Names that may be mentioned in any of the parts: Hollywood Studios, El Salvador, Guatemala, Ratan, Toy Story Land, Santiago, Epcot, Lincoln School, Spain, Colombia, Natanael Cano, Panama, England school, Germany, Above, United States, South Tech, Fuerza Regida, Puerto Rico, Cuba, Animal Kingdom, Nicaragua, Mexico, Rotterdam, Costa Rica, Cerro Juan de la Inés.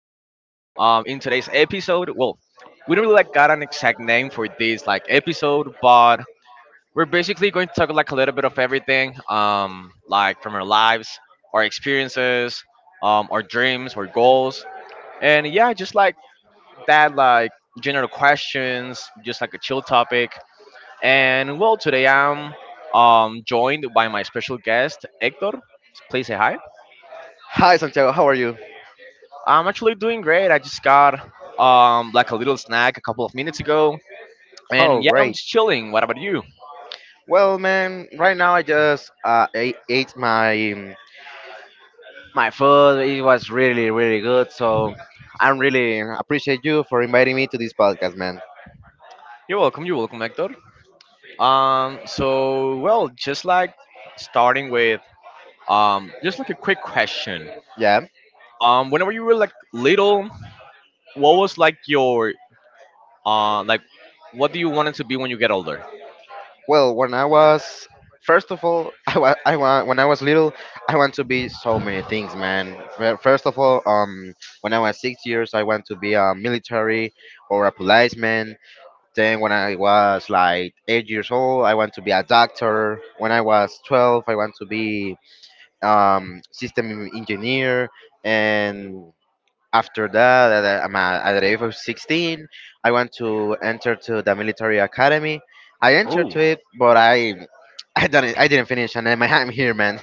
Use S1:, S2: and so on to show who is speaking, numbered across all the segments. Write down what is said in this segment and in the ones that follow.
S1: today's episode, well, we don't really like got an exact name for this like episode, but we're basically going to talk like a little bit of everything, like from our lives, our experiences, our dreams, our goals, and yeah, just like that, like general questions, just like a chill topic. And well, today I'm joined by my special guest, Hector. Please say hi.
S2: Hi Santiago, how are you?
S1: I'm actually doing great. I just got like a little snack a couple of minutes ago,
S2: Oh,
S1: and yeah, I'm
S2: great.
S1: just chilling. What about you?
S2: Well, man, right now I just ate my my food. It was really, really good. So I'm really appreciate you for inviting me to this podcast, man.
S1: You're welcome. You're welcome, Hector. So well, just like starting with just like a quick question.
S2: Yeah.
S1: Whenever you were like little, what was like your uh like, what do you wanted to be when you get older?
S2: Well, when I was first of all, when I was little, I want to be so many things, man. First of all, when I was 6 years, I want to be a military or a policeman. Then when I was like 8 years old, I want to be a doctor. When I was 12, I want to be system engineer. And after that, at the age of 16, I want to enter to the military academy. I entered
S1: Oh,
S2: to it, but I I didn't finish, and I'm, I'm here, man.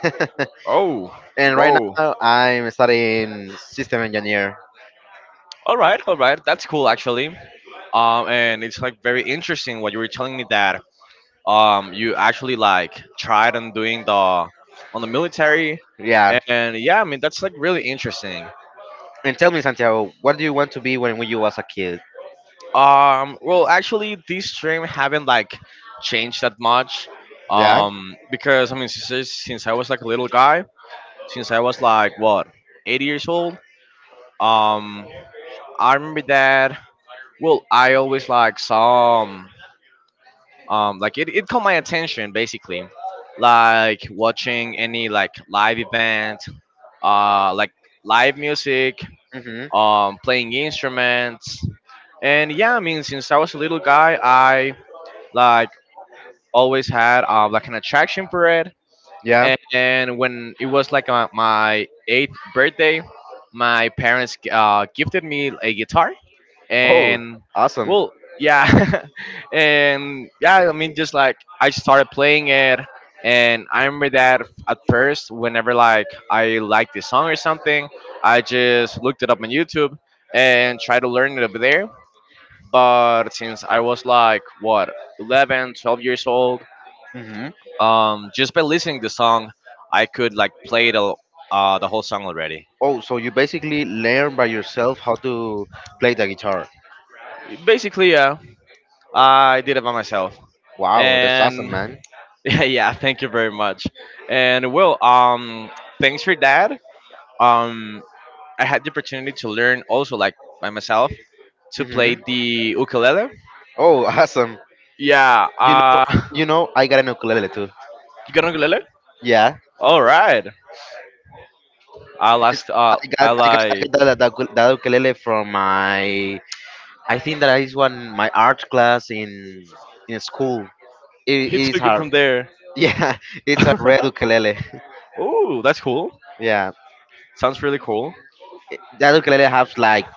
S1: oh,
S2: And right
S1: whoa.
S2: now, I'm studying system engineer.
S1: All right, all right. That's cool, actually. And it's like very interesting what you were telling me that you actually like tried on doing the on the military,
S2: Yeah.
S1: and yeah, I mean that's like really interesting.
S2: And tell me, Santiago, what do you want to be when you was a kid?
S1: Well, actually, this stream haven't like changed that much,
S2: Yeah.
S1: because I mean since I was like a little guy, since I was like what 8 years old, um, I remember that. Well, I always like saw, it caught my attention basically like watching any like live event uh like live music
S2: Hmm.
S1: playing instruments and yeah I mean since I was a little guy I like always had like an attraction for it
S2: Yeah.
S1: and when it was like my eighth birthday, my parents gifted me a guitar.
S2: Oh,
S1: And
S2: awesome.
S1: well, yeah. And yeah, I mean, just like I started playing it. And I remember that at first, whenever like I liked the song or something, I just looked it up on YouTube and tried to learn it over there. But since I was like, what, 11, 12 years old,
S2: Hmm.
S1: just by listening to the song, I could like play the whole song already.
S2: Oh, so you basically learn by yourself how to play the guitar.
S1: Basically, yeah, I did it by myself,
S2: Wow, that's awesome,
S1: and
S2: man.
S1: yeah, yeah. Thank you very much. And well, thanks for that. Um, I had the opportunity to learn also like by myself to play
S2: Hmm.
S1: the ukulele.
S2: Oh, awesome.
S1: Yeah.
S2: You know, you know, I got an ukulele too.
S1: You got an ukulele?
S2: Yeah,
S1: All right. I last. I
S2: I
S1: like.
S2: got that ukulele from my. I think that is one my art class in school. It,
S1: He
S2: it is
S1: took it
S2: hard.
S1: from there.
S2: Yeah, it's a red ukulele.
S1: Oh, that's cool.
S2: Yeah,
S1: Sounds really cool.
S2: That ukulele has like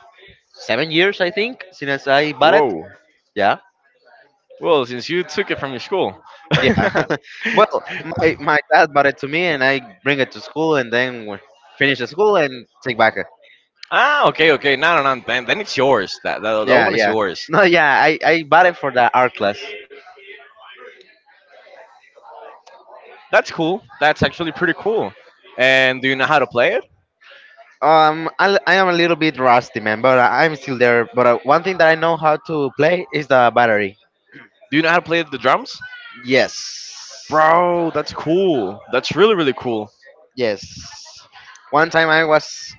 S2: 7 years, I think, since I bought it.
S1: Whoa.
S2: Yeah.
S1: Well, since you took it from your school.
S2: Yeah. Well, my dad bought it to me, and I bring it to school, and then we finish the school and take back it.
S1: Ah, okay, okay. No, no, no. Then it's yours. That, that that
S2: Yeah,
S1: one is
S2: yeah.
S1: yours.
S2: No, yeah. I bought it for the art class.
S1: That's cool. That's actually pretty cool. And do you know how to play it?
S2: I am a little bit rusty, man, but I'm still there. But one thing that I know how to play is the battery.
S1: Do you know how to play the drums?
S2: Yes,
S1: Bro, that's cool. That's really really cool.
S2: yes. One time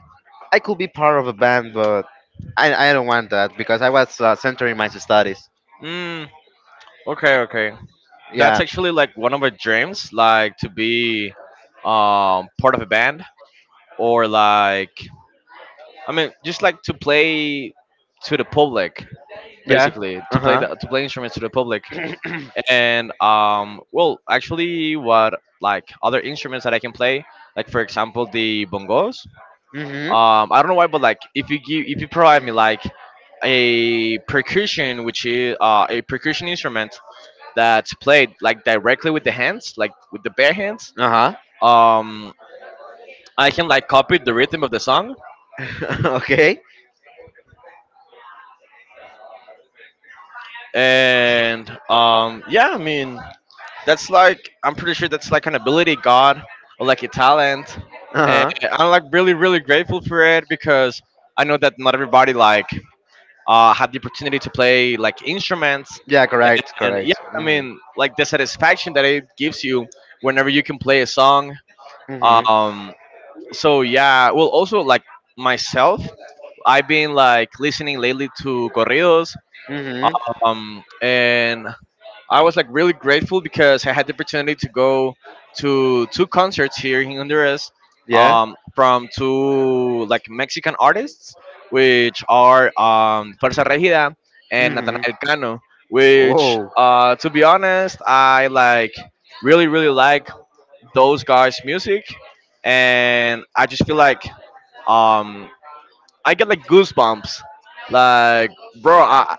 S2: I could be part of a band, but I don't want that because I was centering my studies.
S1: Mm, okay, okay. That's
S2: Yeah,
S1: actually like one of my dreams, like to be part of a band or like I mean just like to play to the public
S2: yeah.
S1: basically
S2: Uh
S1: to play
S2: huh.
S1: the, to play instruments to the public and well actually what like other instruments that I can play like for example the bongos
S2: Mhm.
S1: I don't know why but like if you give if you provide me like a percussion which is a percussion instrument that's played like directly with the hands like with the bare hands
S2: Uh huh.
S1: um I can like copy the rhythm of the song
S2: Okay.
S1: and yeah, I mean, that's like I'm pretty sure that's like an ability God or like a talent,
S2: Uh
S1: and
S2: huh.
S1: I'm like really really grateful for it because I know that not everybody like have the opportunity to play like instruments,
S2: Yeah. Correct.
S1: and yeah,
S2: Correct.
S1: I
S2: Mhm.
S1: mean like the satisfaction that it gives you whenever you can play a song.
S2: Mhm.
S1: Um, so yeah, well also like myself, I've been like listening lately to corridos
S2: Mhm.
S1: and I was like really grateful because I had the opportunity to go to two concerts here in Honduras,
S2: Yeah.
S1: from two like Mexican artists, which are Fuerza Regida and
S2: Mhm.
S1: Natanael Cano. Which,
S2: Whoa.
S1: to be honest, I like really really like those guys' music, and I just feel like um, I get like goosebumps. Like, bro, I,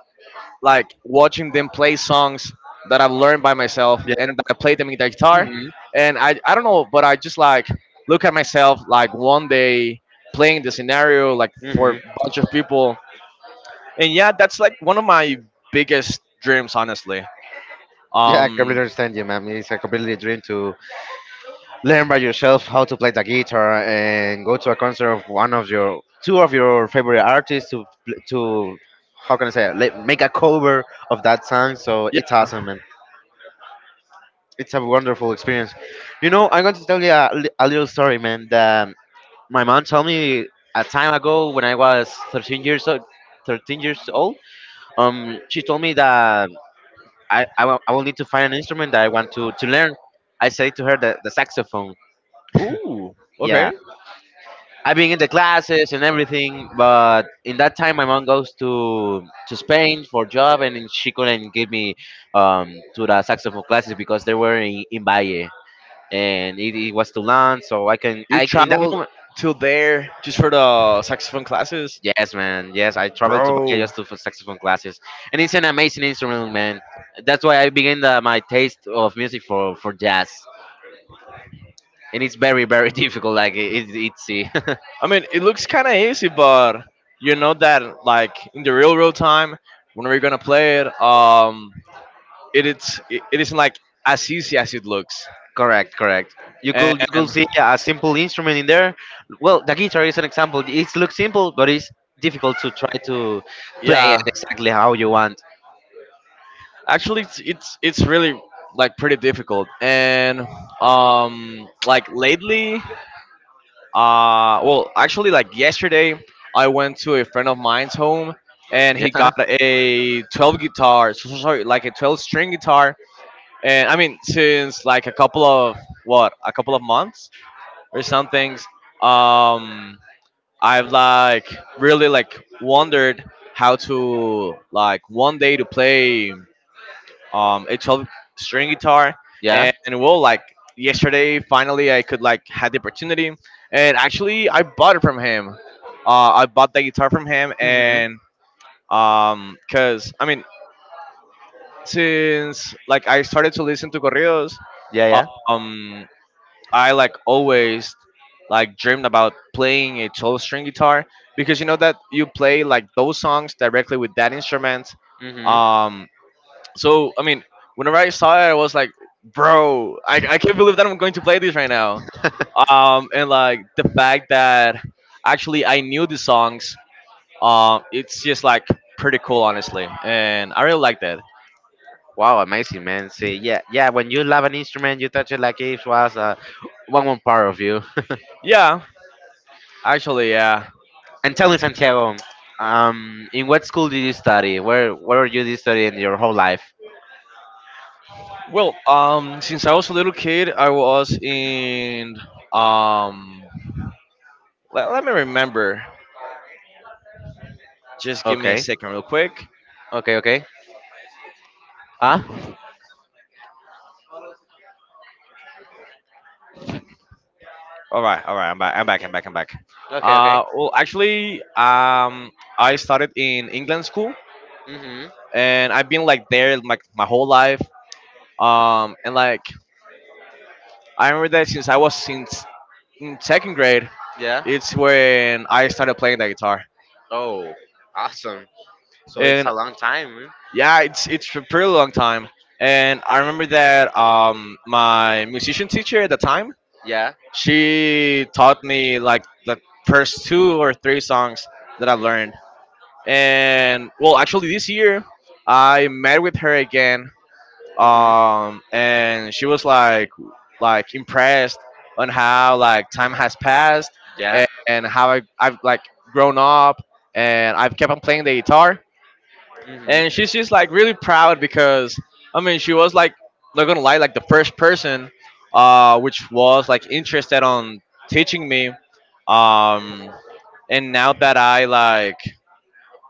S1: like watching them play songs that I've learned by myself
S2: Yeah.
S1: and that I play them in the guitar.
S2: Mhm.
S1: And I don't know, but I just like look at myself like one day playing the scenario like for a
S2: Mhm.
S1: bunch of people. And yeah, that's like one of my biggest dreams, honestly.
S2: Yeah. I
S1: Um,
S2: completely understand you, ma'am. It's a completely dream to learn by yourself how to play the guitar and go to a concert of one of your two of your favorite artists to pl- to how can I say it? Like, make a cover of that song. So
S1: yeah.
S2: it's awesome, man. It's a wonderful experience. You know, I'm going to tell you a little story, man, that my mom told me a time ago when I was 13 years old. 13 years old. She told me that I will need to find an instrument that I want to learn. I said to her the saxophone.
S1: Ooh,
S2: Yeah,
S1: okay.
S2: I've been in the classes and everything, but in that time my mom goes to Spain for job, and then she couldn't give me to the saxophone classes because they were in Valle, and it was too long. So I can
S1: You
S2: I in that
S1: travel
S2: moment.
S1: to there just for the saxophone classes,
S2: Yes, man. Yes, I traveled to Bahia
S1: bro.
S2: just to for saxophone classes, and it's an amazing instrument, man. That's why I began my taste of music for jazz, and it's very, very difficult. Like it's easy.
S1: I mean, it looks kind of easy, but you know that like in the real real time when we're gonna play it, it isn't like as easy as it looks.
S2: Correct, correct. You could you
S1: And
S2: could see a simple instrument in there. Well, the guitar is an example. It looks simple, but it's difficult to try to play it
S1: yeah,
S2: exactly how you want.
S1: actually, it's really like pretty difficult. And like lately, well, actually, like yesterday, I went to a friend of mine's home and he
S2: Yeah,
S1: got a 12 guitar, sorry, like a 12 string guitar and I mean since like a couple of what a couple of months or some things. Um, I've like really like wondered how to like one day to play a 12 string guitar
S2: yeah.
S1: and well like yesterday finally I could like had the opportunity and actually I bought it from him. I bought the guitar from him
S2: Hmm.
S1: and cuz I mean since like I started to listen to corridos
S2: Yeah, yeah.
S1: um I like always like dreamed about playing a 12 string guitar because you know that you play like those songs directly with that instrument.
S2: Hmm.
S1: Um, so I mean, whenever I saw it, I was like, bro, I can't believe that I'm going to play this right now. And like the fact that actually I knew the songs, it's just like pretty cool, honestly, and I really like that.
S2: Wow, amazing, man. See, yeah, yeah. When you love an instrument, you touch it like it was one part of you.
S1: Yeah, actually, yeah.
S2: And tell me, Santiago, in what school did you study? Where did you study in your whole life?
S1: Well, since I was a little kid, I was in. Um, let me remember. Just give me a
S2: Okay,
S1: second, real quick.
S2: okay, okay. Huh?
S1: All right, all right. I'm back. I'm back. I'm back. I'm back.
S2: Okay, okay.
S1: Well, actually, I started in England school,
S2: Mhm.
S1: and I've been like there like my whole life. And like I remember that since I was since in second grade,
S2: Yeah.
S1: it's when I started playing the guitar.
S2: Oh, awesome. So it's
S1: And
S2: a long time. Mm?
S1: yeah, it's a pretty long time. And I remember that my musician teacher at the time,
S2: Yeah.
S1: she taught me like the first two or three songs that I've
S2: Mhm.
S1: learned. And well, actually, this year I met with her again,
S2: Mhm.
S1: and she was like impressed on how like time has passed
S2: Yeah.
S1: and how I've like grown up and I've kept on playing the guitar
S2: Mhm.
S1: and she's just like really proud because I mean she was like not gonna lie like the first person which was like interested on teaching me um and now that I like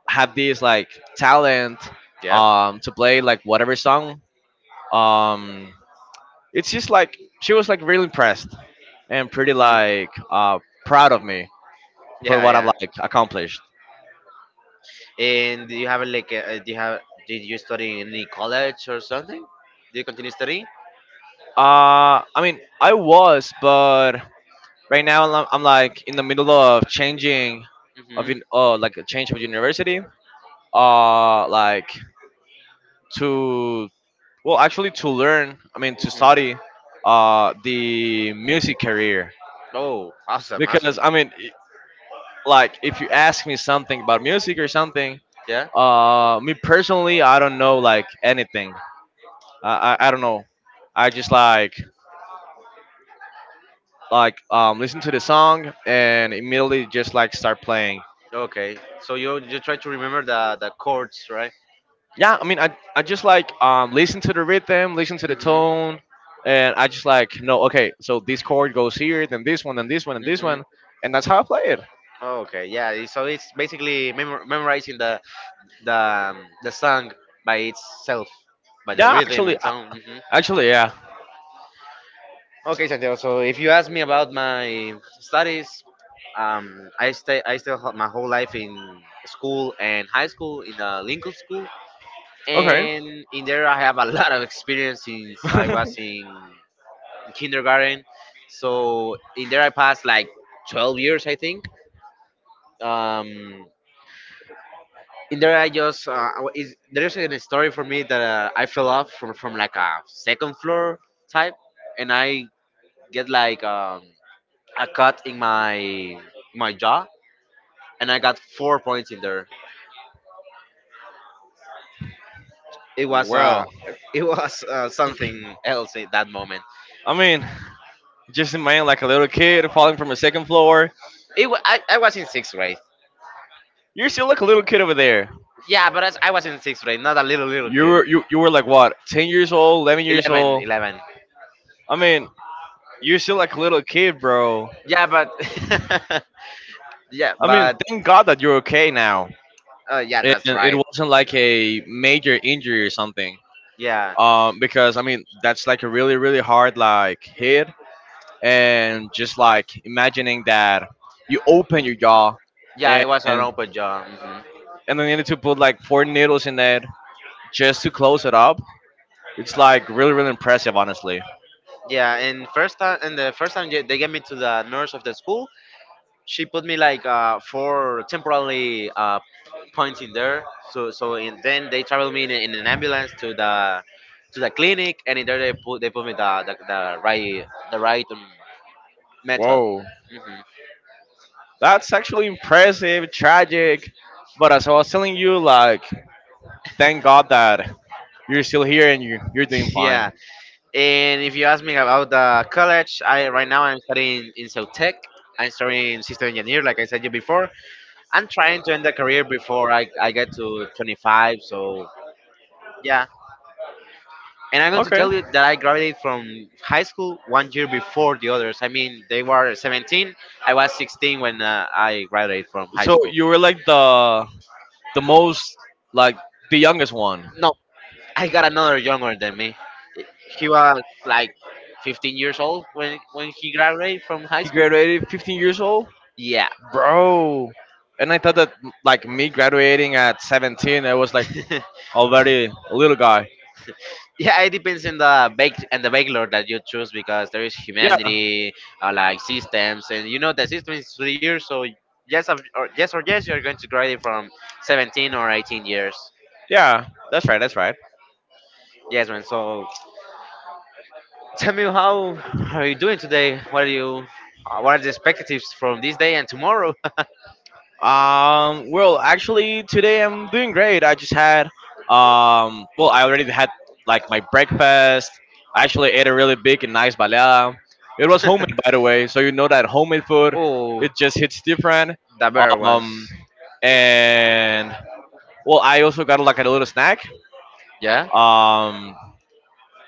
S1: have this like talent
S2: Yeah.
S1: to play like whatever song um it's just like she was like really impressed and pretty
S2: Mhm.
S1: like proud of me for
S2: Yeah,
S1: what I've
S2: yeah.
S1: like accomplished
S2: And do you have a, like? A, do you have? Did you study in any college or something? Do you continue studying?
S1: I mean I was but right now, I'm like in the middle of changing,
S2: Hmm.
S1: like a change of university. Like to well, actually to learn. I mean to
S2: Hmm.
S1: study, the music career
S2: Oh, awesome,
S1: because
S2: awesome.
S1: I mean, like if you ask me something about music or something,
S2: Yeah.
S1: me personally, I don't know like anything. I don't know. I just like listen to the song and immediately just like start playing
S2: Okay, so you try to remember the chords, right?
S1: yeah I mean I just like listen to the rhythm listen to the
S2: Hmm.
S1: tone and I just like no okay so this chord goes here then this
S2: Hmm.
S1: one and that's how I play it
S2: Okay, yeah. So it's basically memorizing the song by itself, by the
S1: yeah
S2: rhythm
S1: actually
S2: and tone. Hmm.
S1: actually yeah
S2: Okay, Santiago. So if you ask me about my studies, I stay I still ho- my whole life in school and high school in the Lincoln School,
S1: okay
S2: and in there I have a lot of experience since I was in kindergarten. So in there I passed like 12 years, I think. Um, in there I just is there's a story for me that I fell off from like a second floor type, and I get like a cut in my jaw, and I got 4 points in there. It was
S1: Well
S2: it was something else at that moment.
S1: I mean just imagine like a little kid falling from a second floor
S2: I was in sixth grade.
S1: you're still like a little kid over there
S2: Yeah, but I was in sixth grade, not a little little
S1: you
S2: kid.
S1: were you were like what 10 years old 11 years
S2: 11,
S1: old
S2: 11.
S1: I mean you're still like a little kid bro
S2: Yeah, but yeah,
S1: I mean
S2: but
S1: thank god that you're okay now
S2: yeah, that's
S1: and it
S2: right.
S1: wasn't like a major injury or something.
S2: Yeah,
S1: Because I mean that's like a really really hard like hit, and just like imagining that you open your jaw,
S2: yeah, it was an
S1: and
S2: open job. Hmm.
S1: then you need to put like four needles in it just to close it up. It's like really really impressive, honestly.
S2: Yeah, and the first time they get me to the nurse of the school, she put me like four temporarily points in there. So and then they travel me in an ambulance to the clinic, and in there they put me the right method.
S1: Whoa,
S2: Hmm.
S1: that's actually impressive, tragic, but as I was telling you, like thank God that you're still here and you're doing
S2: Yeah.
S1: fine.
S2: And if you ask me about the college, I right now I'm studying in South Tech. I'm studying system engineer, like I said you before. I'm trying to end the career before I get to 25. So yeah, and I'm going to
S1: Okay,
S2: tell you that I graduated from high school one year before the others. I mean, they were 17. I was 16 when I graduated from high
S1: so
S2: school.
S1: you were like the most like the youngest one.
S2: No, I got another younger than me. He was like 15 years old when he graduated from high
S1: He
S2: school.
S1: graduated 15 years old,
S2: Yeah.
S1: bro. And I thought that like me graduating at 17, I was like already a little guy.
S2: Yeah, it depends on the bake and the bake that you choose because there is
S1: Yeah,
S2: humanity, like systems, and you know the system is 3 years, so or yes, you're going to graduate from 17 or 18 years.
S1: yeah, that's right, that's right.
S2: Yes, man. So tell me, how are you doing today? What are you? What are the expectations from this day and tomorrow?
S1: Well, actually, today I'm doing great. I already had like my breakfast. I actually ate a really big and nice baleada. It was homemade, by the way, so you know that homemade food
S2: Oh,
S1: it just hits different.
S2: the better ones.
S1: Um, and Well, I also got like a little snack.
S2: Yeah,
S1: Um,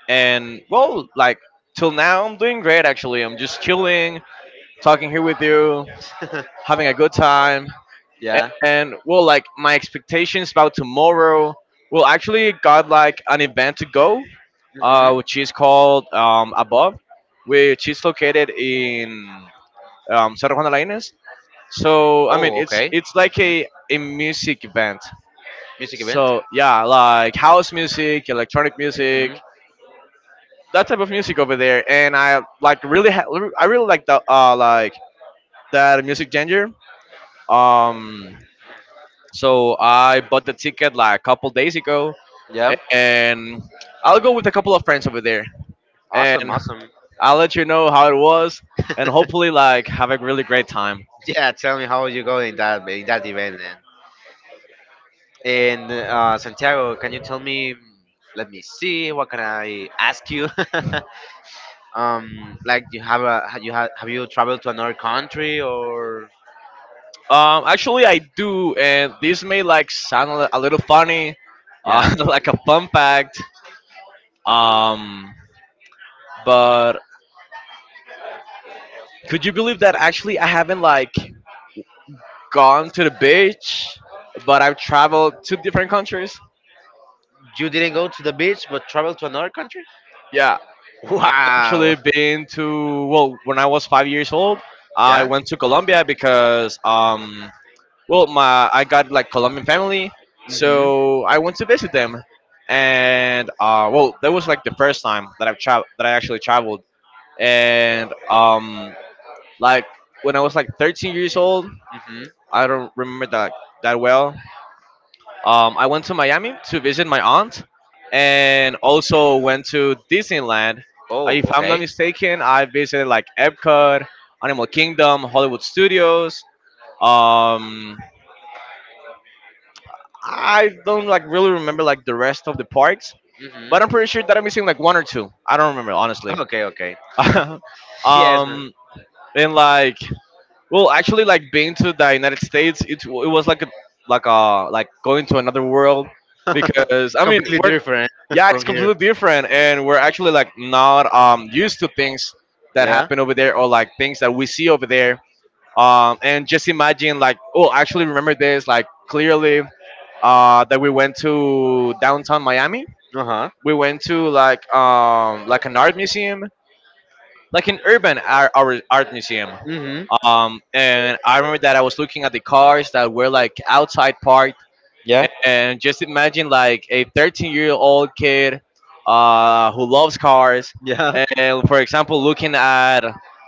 S1: and, well, like till now, I'm doing great. Actually, I'm just chilling, talking here with you, having a good time. And,
S2: yeah.
S1: and well, like my expectations about tomorrow. Well, actually, got like an event to go,
S2: Hmm.
S1: which is called Above, which is located in Cerro Juan de la Inés. So I mean,
S2: Oh,
S1: it's
S2: okay.
S1: it's like
S2: Hmm.
S1: a music event.
S2: Music event.
S1: So yeah, like house music, electronic music,
S2: Hmm.
S1: that type of music over there, and I really like the like that music genre. Um, so I bought the ticket like a couple days ago,
S2: Yeah.
S1: and I'll go with a couple of friends over there,
S2: Awesome,
S1: and
S2: awesome.
S1: I'll let you know how it was, and hopefully like have a really great time.
S2: Yeah, tell me how you go in that event then. And Santiago, can you tell me? Let me see. What can I ask you? Like you have a ha- you have you traveled to another country or
S1: Actually I do, and this may like sound a little funny,
S2: Yeah?
S1: like a fun fact. Um, But could you believe that actually I haven't like gone to the beach, but I've traveled to different countries?
S2: You didn't go to the beach, but traveled to another country.
S1: Yeah, I've
S2: Wow.
S1: actually been to well, when I was 5 years old, I
S2: Yeah.
S1: went to Colombia because well my I got like Colombian family,
S2: Mhm.
S1: so I went to visit them, and that was like the first time that I actually traveled, and like when I was like 13 years old,
S2: Mhm.
S1: I don't remember that that well. I went to Miami to visit my aunt, and also went to Disneyland.
S2: Oh,
S1: If I'm not
S2: okay.
S1: mistaken, I visited like Epcot, Animal Kingdom, Hollywood Studios. Um, I don't like really remember like the rest of the parks,
S2: Mhm.
S1: but I'm pretty sure that I'm missing like one or two. I don't remember honestly.
S2: Okay. Okay. Yes, man.
S1: um, and like, well, actually, like being to the United States, it was like a going to another world, because I mean
S2: Completely
S1: we're,
S2: different
S1: yeah, it's
S2: from here.
S1: completely different, and we're actually like not used to things that
S2: Yeah.
S1: happen over there, or like things that we see over there. And just imagine, like, oh, I actually remember this like clearly, that we went to downtown Miami.
S2: Uh huh.
S1: We went to, like, like an art museum, like an urban art museum.
S2: Mhm.
S1: And I remember that I was looking at the cars that were like outside parked,
S2: Yeah.
S1: and just imagine, like, a 13-year-old kid, who loves cars,
S2: Yeah.
S1: and, for example, looking at,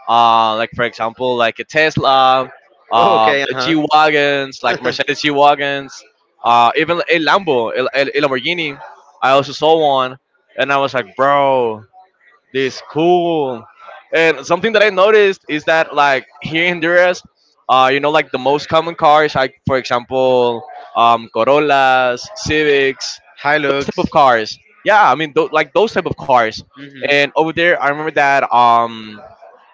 S1: like for example like a Tesla,
S2: Oh, okay, uh
S1: G wagons, like
S2: huh.
S1: Mercedes G wagons, even a Lambo, a Lamborghini. I also saw one, and I was like, bro, this cool. And something that I noticed is that, like, here in Honduras, like the most common cars, like, for example, Corollas, Civics,
S2: High
S1: those type of
S2: looks.
S1: cars. Yeah, I mean, like those type of cars. And
S2: Hmm.
S1: over there, I remember that,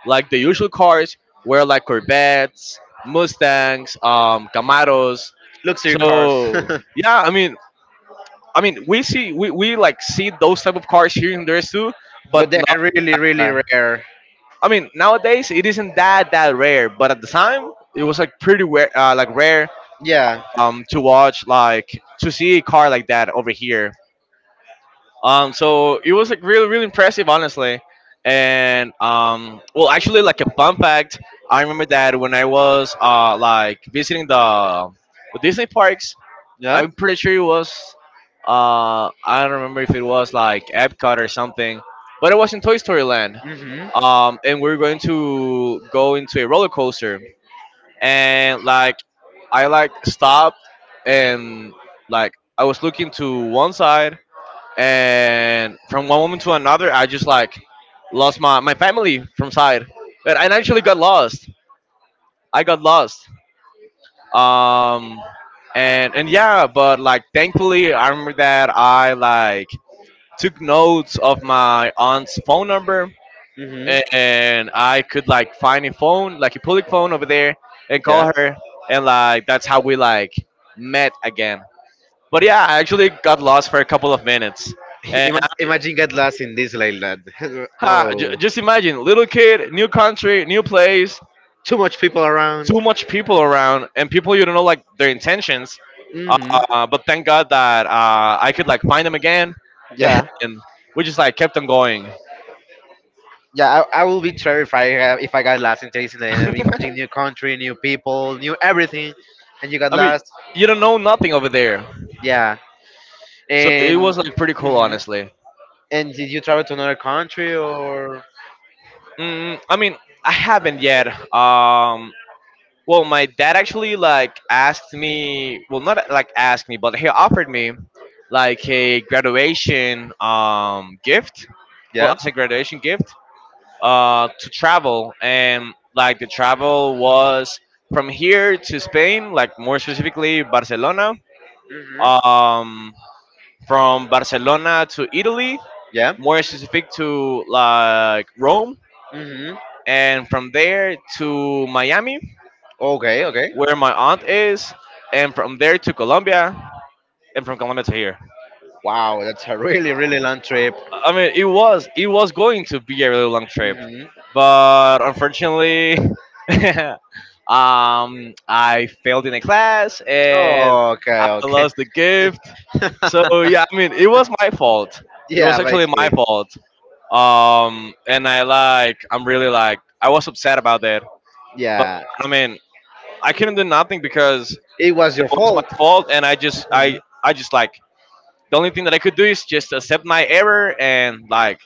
S1: like the usual cars were like Corvettes, Mustangs, Camaros.
S2: Luxury cars,
S1: So
S2: but
S1: yeah, I mean, we see we like see those type of cars here in Honduras too, but
S2: they
S1: not.
S2: are really, really rare.
S1: I mean, nowadays it isn't that rare, but at the time it was like pretty rare, like rare,
S2: Yeah.
S1: to watch, like, to see a car like that over here. So it was like really really impressive, honestly. And, well, actually, like a fun fact, I remember that when I was, like, visiting the Disney parks,
S2: Yeah,
S1: I'm pretty sure it was. I don't remember if it was like Epcot or something, but it was in Toy Story Land.
S2: hmm
S1: And we are going to go into a roller coaster, and, like, I like stopped, and, like, I was looking to one side, and from one moment to another, I just like lost my family from side, and I actually got lost. I got lost, um and yeah, but like thankfully I remember that I like took notes of my aunt's phone number,
S2: hmm
S1: and I could like find a phone, like a public phone over there, and
S2: yeah.
S1: call her, and like that's how we like met again. But yeah, I actually got lost for a couple of minutes, and I,
S2: Imagine get lost in this like that. Oh,
S1: just imagine, little kid, new country, new place,
S2: too much people around.
S1: too much people around, and people you don't know like their intentions.
S2: Hmm.
S1: But thank God that, I could like find them again,
S2: Yeah,
S1: and we just like kept on going.
S2: yeah. I will be terrified if I got lost in Disneyland. And imagine
S1: I
S2: new country, new people, new everything, and you got
S1: mean,
S2: lost.
S1: you don't know nothing over there,
S2: Yeah,
S1: so it
S2: and
S1: was like pretty cool,
S2: hmm
S1: honestly.
S2: did you travel to another country or?
S1: I mean, I haven't yet. Um, well, my dad actually like asked me. Well, not like asked me, but he offered me like a graduation gift. Well,
S2: Yeah.
S1: as a graduation gift, to travel, and like the travel was from here to Spain, like more specifically Barcelona. Um, from Barcelona to Italy,
S2: Yeah.
S1: more specific to like Rome,
S2: Hmm.
S1: and from there to Miami,
S2: Okay. Okay.
S1: where my aunt is, and from there to Colombia, and from Colombia to here.
S2: Wow, that's a really, really long trip.
S1: I mean, it was going to be a really long trip,
S2: Hmm.
S1: but unfortunately, I failed in a class and I
S2: Okay. Okay.
S1: lost the gift. So yeah, I mean, it was my fault. It
S2: Yeah.
S1: was actually my
S2: Basically.
S1: fault. And I like, I'm really like, I was upset about that. But
S2: Yeah.
S1: I mean, I couldn't do nothing because
S2: It was
S1: that
S2: your
S1: was my
S2: fault.
S1: fault, and
S2: Mhm.
S1: I just like the only thing that I could do is just accept my error and like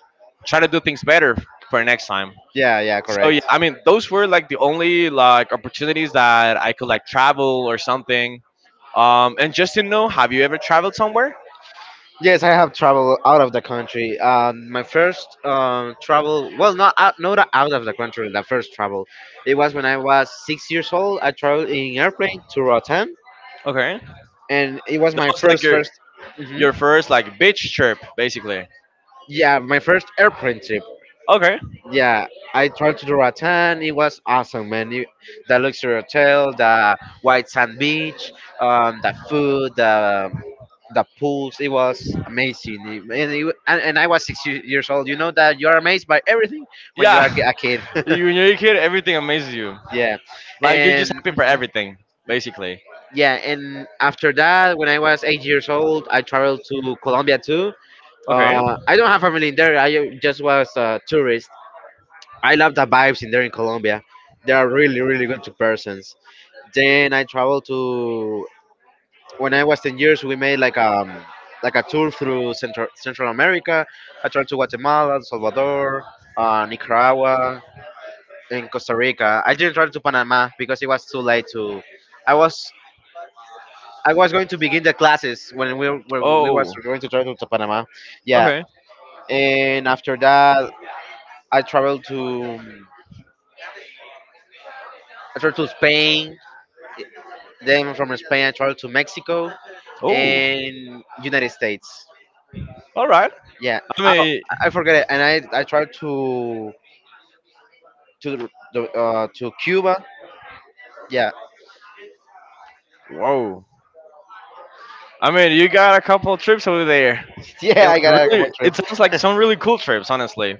S1: try to do things better for next time.
S2: Yeah. Yeah.
S1: So yeah,
S2: Correct.
S1: I mean, those were like the only like opportunities that I could like travel or something. And just to know, have you ever traveled somewhere?
S2: Yes, I have traveled out of the country. My first travel, well, not out, not out of the country. The first travel, it was when I was 6 years old. I traveled in airplane to Rotterdam,
S1: Okay,
S2: and it was
S1: that
S2: my
S1: was like
S2: first
S1: your
S2: first. Mhm.
S1: your first like beach trip, basically.
S2: Yeah, my first airplane trip.
S1: Okay,
S2: Yeah, I tried to do Ratan. It was awesome, man. You, the luxury hotel, the white sand beach, the food, the pools. It was amazing. It- and, it, and I was six years old. You know that you are amazed by everything when you are
S1: yeah,
S2: a kid.
S1: when you're a kid, everything amazes you.
S2: Yeah,
S1: Like you're
S2: and
S1: just happy for
S2: mhm.
S1: everything, basically.
S2: Yeah, and after that, when I was 8 years old, I traveled to Colombia too.
S1: Okay.
S2: I don't have family in there. I just was a tourist. I love the vibes in there in Colombia. They are really, really good to persons. Then I traveled to, when I was 10 years, we made like a tour through Central America. I traveled to Guatemala, El Salvador, Nicaragua, and Costa Rica. I didn't travel to Panama because it was too late to. I was I was going to begin the classes when we was
S1: Oh.
S2: going to travel to Panama. Yeah,
S1: Okay.
S2: and after that I traveled to I traveled to Spain. Then from Spain, I traveled to Mexico
S1: Oh.
S2: and United States.
S1: All right.
S2: Yeah,
S1: I
S2: I,
S1: mean,
S2: I forget it. And I traveled to the, to Cuba. Yeah,
S1: whoa. I mean, you got a couple of trips over there.
S2: yeah,
S1: And
S2: I got
S1: like
S2: a couple
S1: really,
S2: of
S1: it
S2: trips.
S1: sounds like some really cool trips, honestly.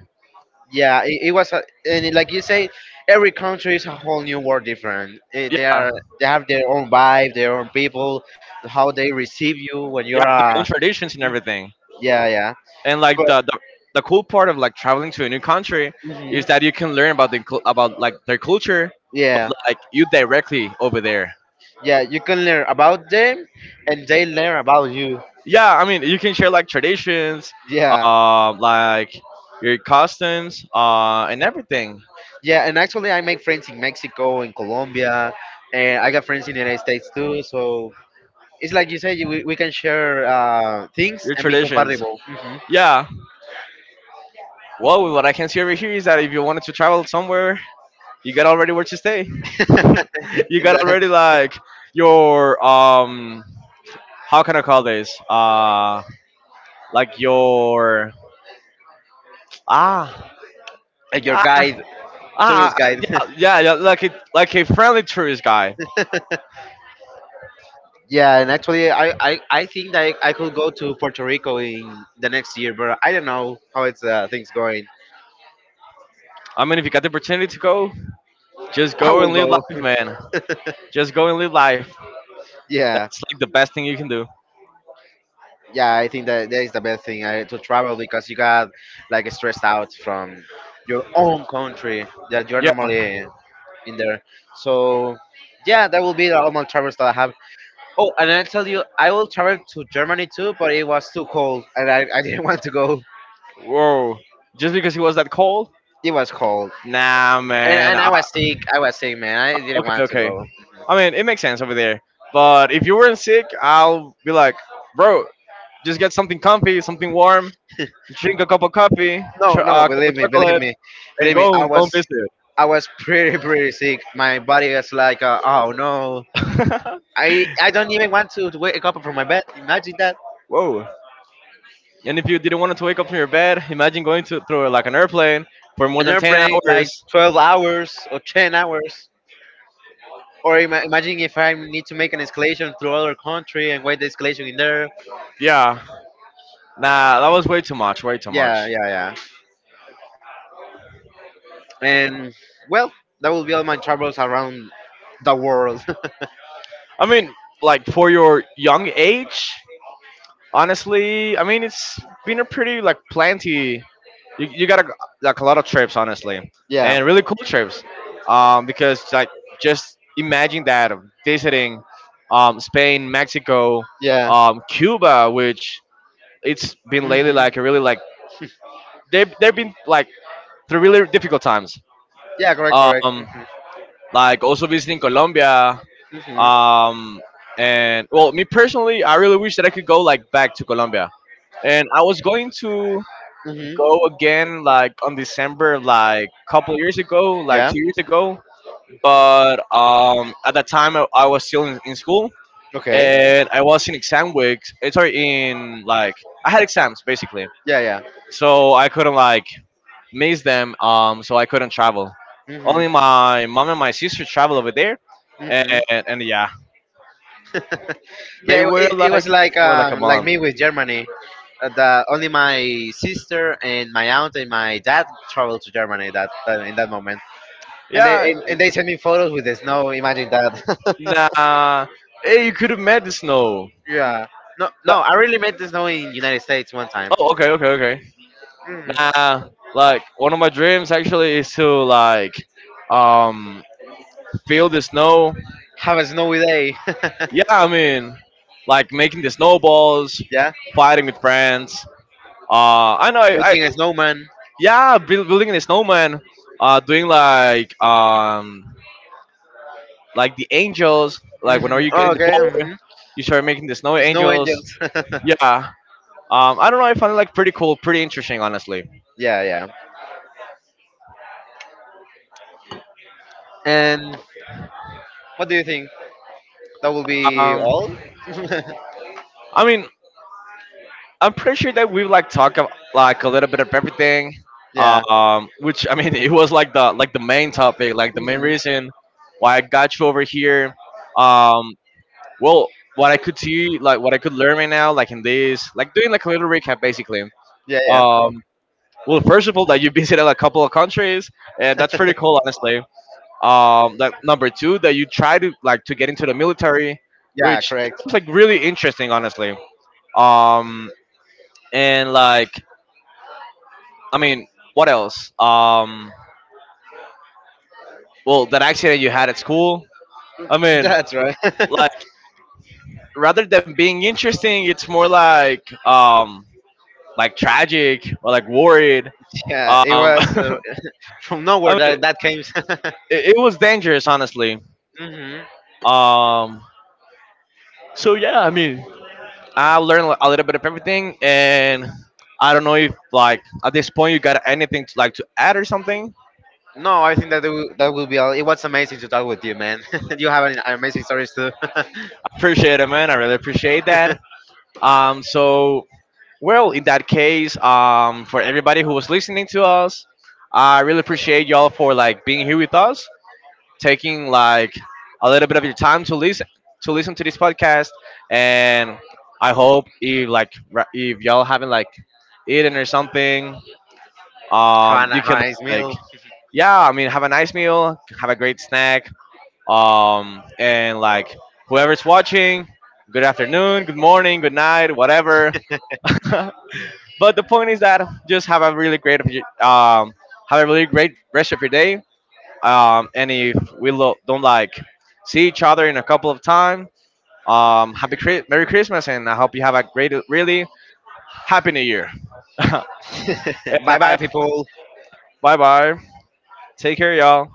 S2: Yeah, it was, like you say, every country is a whole new world different. They
S1: Yeah,
S2: are they have their own vibe, their own people, how they receive you when you're
S1: yeah, their own
S2: a.
S1: traditions and everything.
S2: Yeah, yeah.
S1: And like
S2: But
S1: the cool part of like traveling to a new country
S2: mhm,
S1: is that you can learn about about like their culture, but
S2: yeah,
S1: like you directly over there.
S2: yeah, you can learn about them, and they learn about you.
S1: Yeah, I mean, you can share like traditions,
S2: Yeah,
S1: like your customs, and everything,
S2: yeah, and actually, I make friends in Mexico in Colombia, and I got friends in the United States too. So it's like you said, we can share things
S1: your
S2: and be
S1: traditions.
S2: compatible.
S1: Yeah. Well, what I can see over here is that if you wanted to travel somewhere, you got already where to stay. You got already like your how can I call this? Like your, ah
S2: Like your
S1: ah,
S2: guide, tourist guide.
S1: yeah, yeah, yeah, like it, like a friendly tourist guy.
S2: Yeah, and actually, I think that I could go to Puerto Rico in the next year, but I don't know how it's things going.
S1: I mean, if you got the opportunity to go, just
S2: I
S1: go and
S2: will
S1: live
S2: go.
S1: life, man. Just go and live life.
S2: Yeah.
S1: It's like the best thing you can do.
S2: Yeah, I think that is the best thing to travel because you got like stressed out from your own country that you're
S1: Yeah.
S2: normally in there. So yeah, that will be the amount travels that I have. Oh, and I tell you, I will travel to Germany too, but it was too cold and I didn't want to go.
S1: Whoa. Just because it was that cold?
S2: It was cold,
S1: Nah, man.
S2: and I was sick. I was sick, man, I didn't
S1: Okay,
S2: want to
S1: okay.
S2: go.
S1: I mean, it makes sense over there. But if you weren't sick, I'll be like, bro, just get something comfy, something warm, drink a cup of coffee,
S2: No no
S1: cup of chocolate, and
S2: Believe me,
S1: go home, go and
S2: I was pretty sick. My body was like oh no,
S1: visit.
S2: I don't even want to wake up from my bed. Imagine that.
S1: Whoa. And if you didn't want to wake up from your bed, imagine going to through like an airplane for more
S2: An
S1: than 10
S2: airplane like
S1: hours.
S2: 12 hours or 10 hours. Or imagine if I need to make an escalation through other country and wait the escalation in there.
S1: Yeah. Nah, that was way too much, way too
S2: Yeah,
S1: much.
S2: yeah, yeah. And well, that will be all my travels around the world.
S1: I mean, like for your young age, honestly, I mean it's been a pretty like plenty. You got a, like a lot of trips, honestly,
S2: Yeah,
S1: and really cool trips. Because like just imagine that visiting, Spain, Mexico,
S2: yeah.
S1: Cuba, which it's been lately
S2: Hmm.
S1: like a really like, they've been like through really difficult times.
S2: Yeah, correct, correct.
S1: Um,
S2: Hmm.
S1: like also visiting Colombia.
S2: Hmm.
S1: Um, and well, me personally, I really wish that I could go like back to Colombia, and I was going to
S2: Hmm.
S1: go again like on December like couple years ago, like
S2: Yeah.
S1: 2 years ago. But, at that time I was still in school,
S2: Okay.
S1: and I was in exam weeks. Sorry, in like I had exams basically,
S2: Yeah, yeah.
S1: so I couldn't like miss them. So I couldn't travel.
S2: Hmm.
S1: Only my mom and my sister travel over there, and
S2: Hmm.
S1: and yeah, they
S2: Yeah,
S1: were
S2: it
S1: like
S2: was
S1: for like a
S2: like
S1: month.
S2: me with Germany. That only my sister and my aunt and my dad traveled to Germany that in that moment, and
S1: Yeah,
S2: and they sent me photos with the snow. Imagine that.
S1: nah. Hey, you could have met the snow.
S2: Yeah. No, no,
S1: That,
S2: I really made the snow in United States one time.
S1: oh, okay, okay, okay. Nah, like one of my dreams actually is to like um feel the snow.
S2: Have a snowy day.
S1: Yeah, I mean, like making the snowballs,
S2: Yeah,
S1: fighting with friends. I know. I
S2: making a snowman.
S1: Yeah, building a snowman. Doing like the angels. Like whenever
S2: Hmm.
S1: you get
S2: Oh,
S1: in the
S2: okay. Hmm.
S1: floor, you start making the snow
S2: Snow
S1: angels.
S2: angels.
S1: Yeah. I don't know. I find it like pretty cool, pretty interesting, honestly.
S2: Yeah, yeah. And what do you think? That will be
S1: Um,
S2: all.
S1: I mean, I'm pretty sure that we like talk of, like a little bit of everything.
S2: Yeah.
S1: Which I mean, it was like the main topic, like the main
S2: Hmm.
S1: reason why I got you over here. Um, well, what I could see, like what I could learn right now, like in this, like doing like a little recap, basically.
S2: Yeah, yeah.
S1: Um, well, first of all, that you visited a couple of countries, and that's pretty cool, honestly. That number two, that you try to like to get into the military,
S2: Yeah,
S1: which
S2: correct.
S1: was like really interesting, honestly. Um, and like, I mean, what else? Well, that accident you had at school. I mean,
S2: That's right.
S1: like, rather than being interesting, it's more like, like tragic or like worried.
S2: Yeah, it
S1: Um,
S2: was from nowhere
S1: I mean,
S2: that came.
S1: it was dangerous, honestly.
S2: Hmm.
S1: Um, so yeah, I mean, I learned a little bit of everything, and I don't know if like at this point you got anything to, like to add or something.
S2: No, I think that that will be all. It was amazing to talk with you, man. You have an amazing stories too.
S1: I appreciate it, man. I really appreciate that. Um, so Well, in that case, for everybody who was listening to us, I really appreciate y'all for like being here with us, taking like a little bit of your time to listen to this podcast, and I hope if like if y'all haven't like eaten or something,
S2: Have a
S1: you can,
S2: nice
S1: like,
S2: meal.
S1: yeah, I mean have a nice meal, have a great snack, and like whoever's watching, good afternoon, good morning, good night, whatever. But the point is that just have a really great rest of your day. And if we don't like see each other in a couple of time, Merry Christmas, and I hope you have a great, really happy New Year. and
S2: Bye bye,
S1: I
S2: people.
S1: Bye bye. Take care, y'all.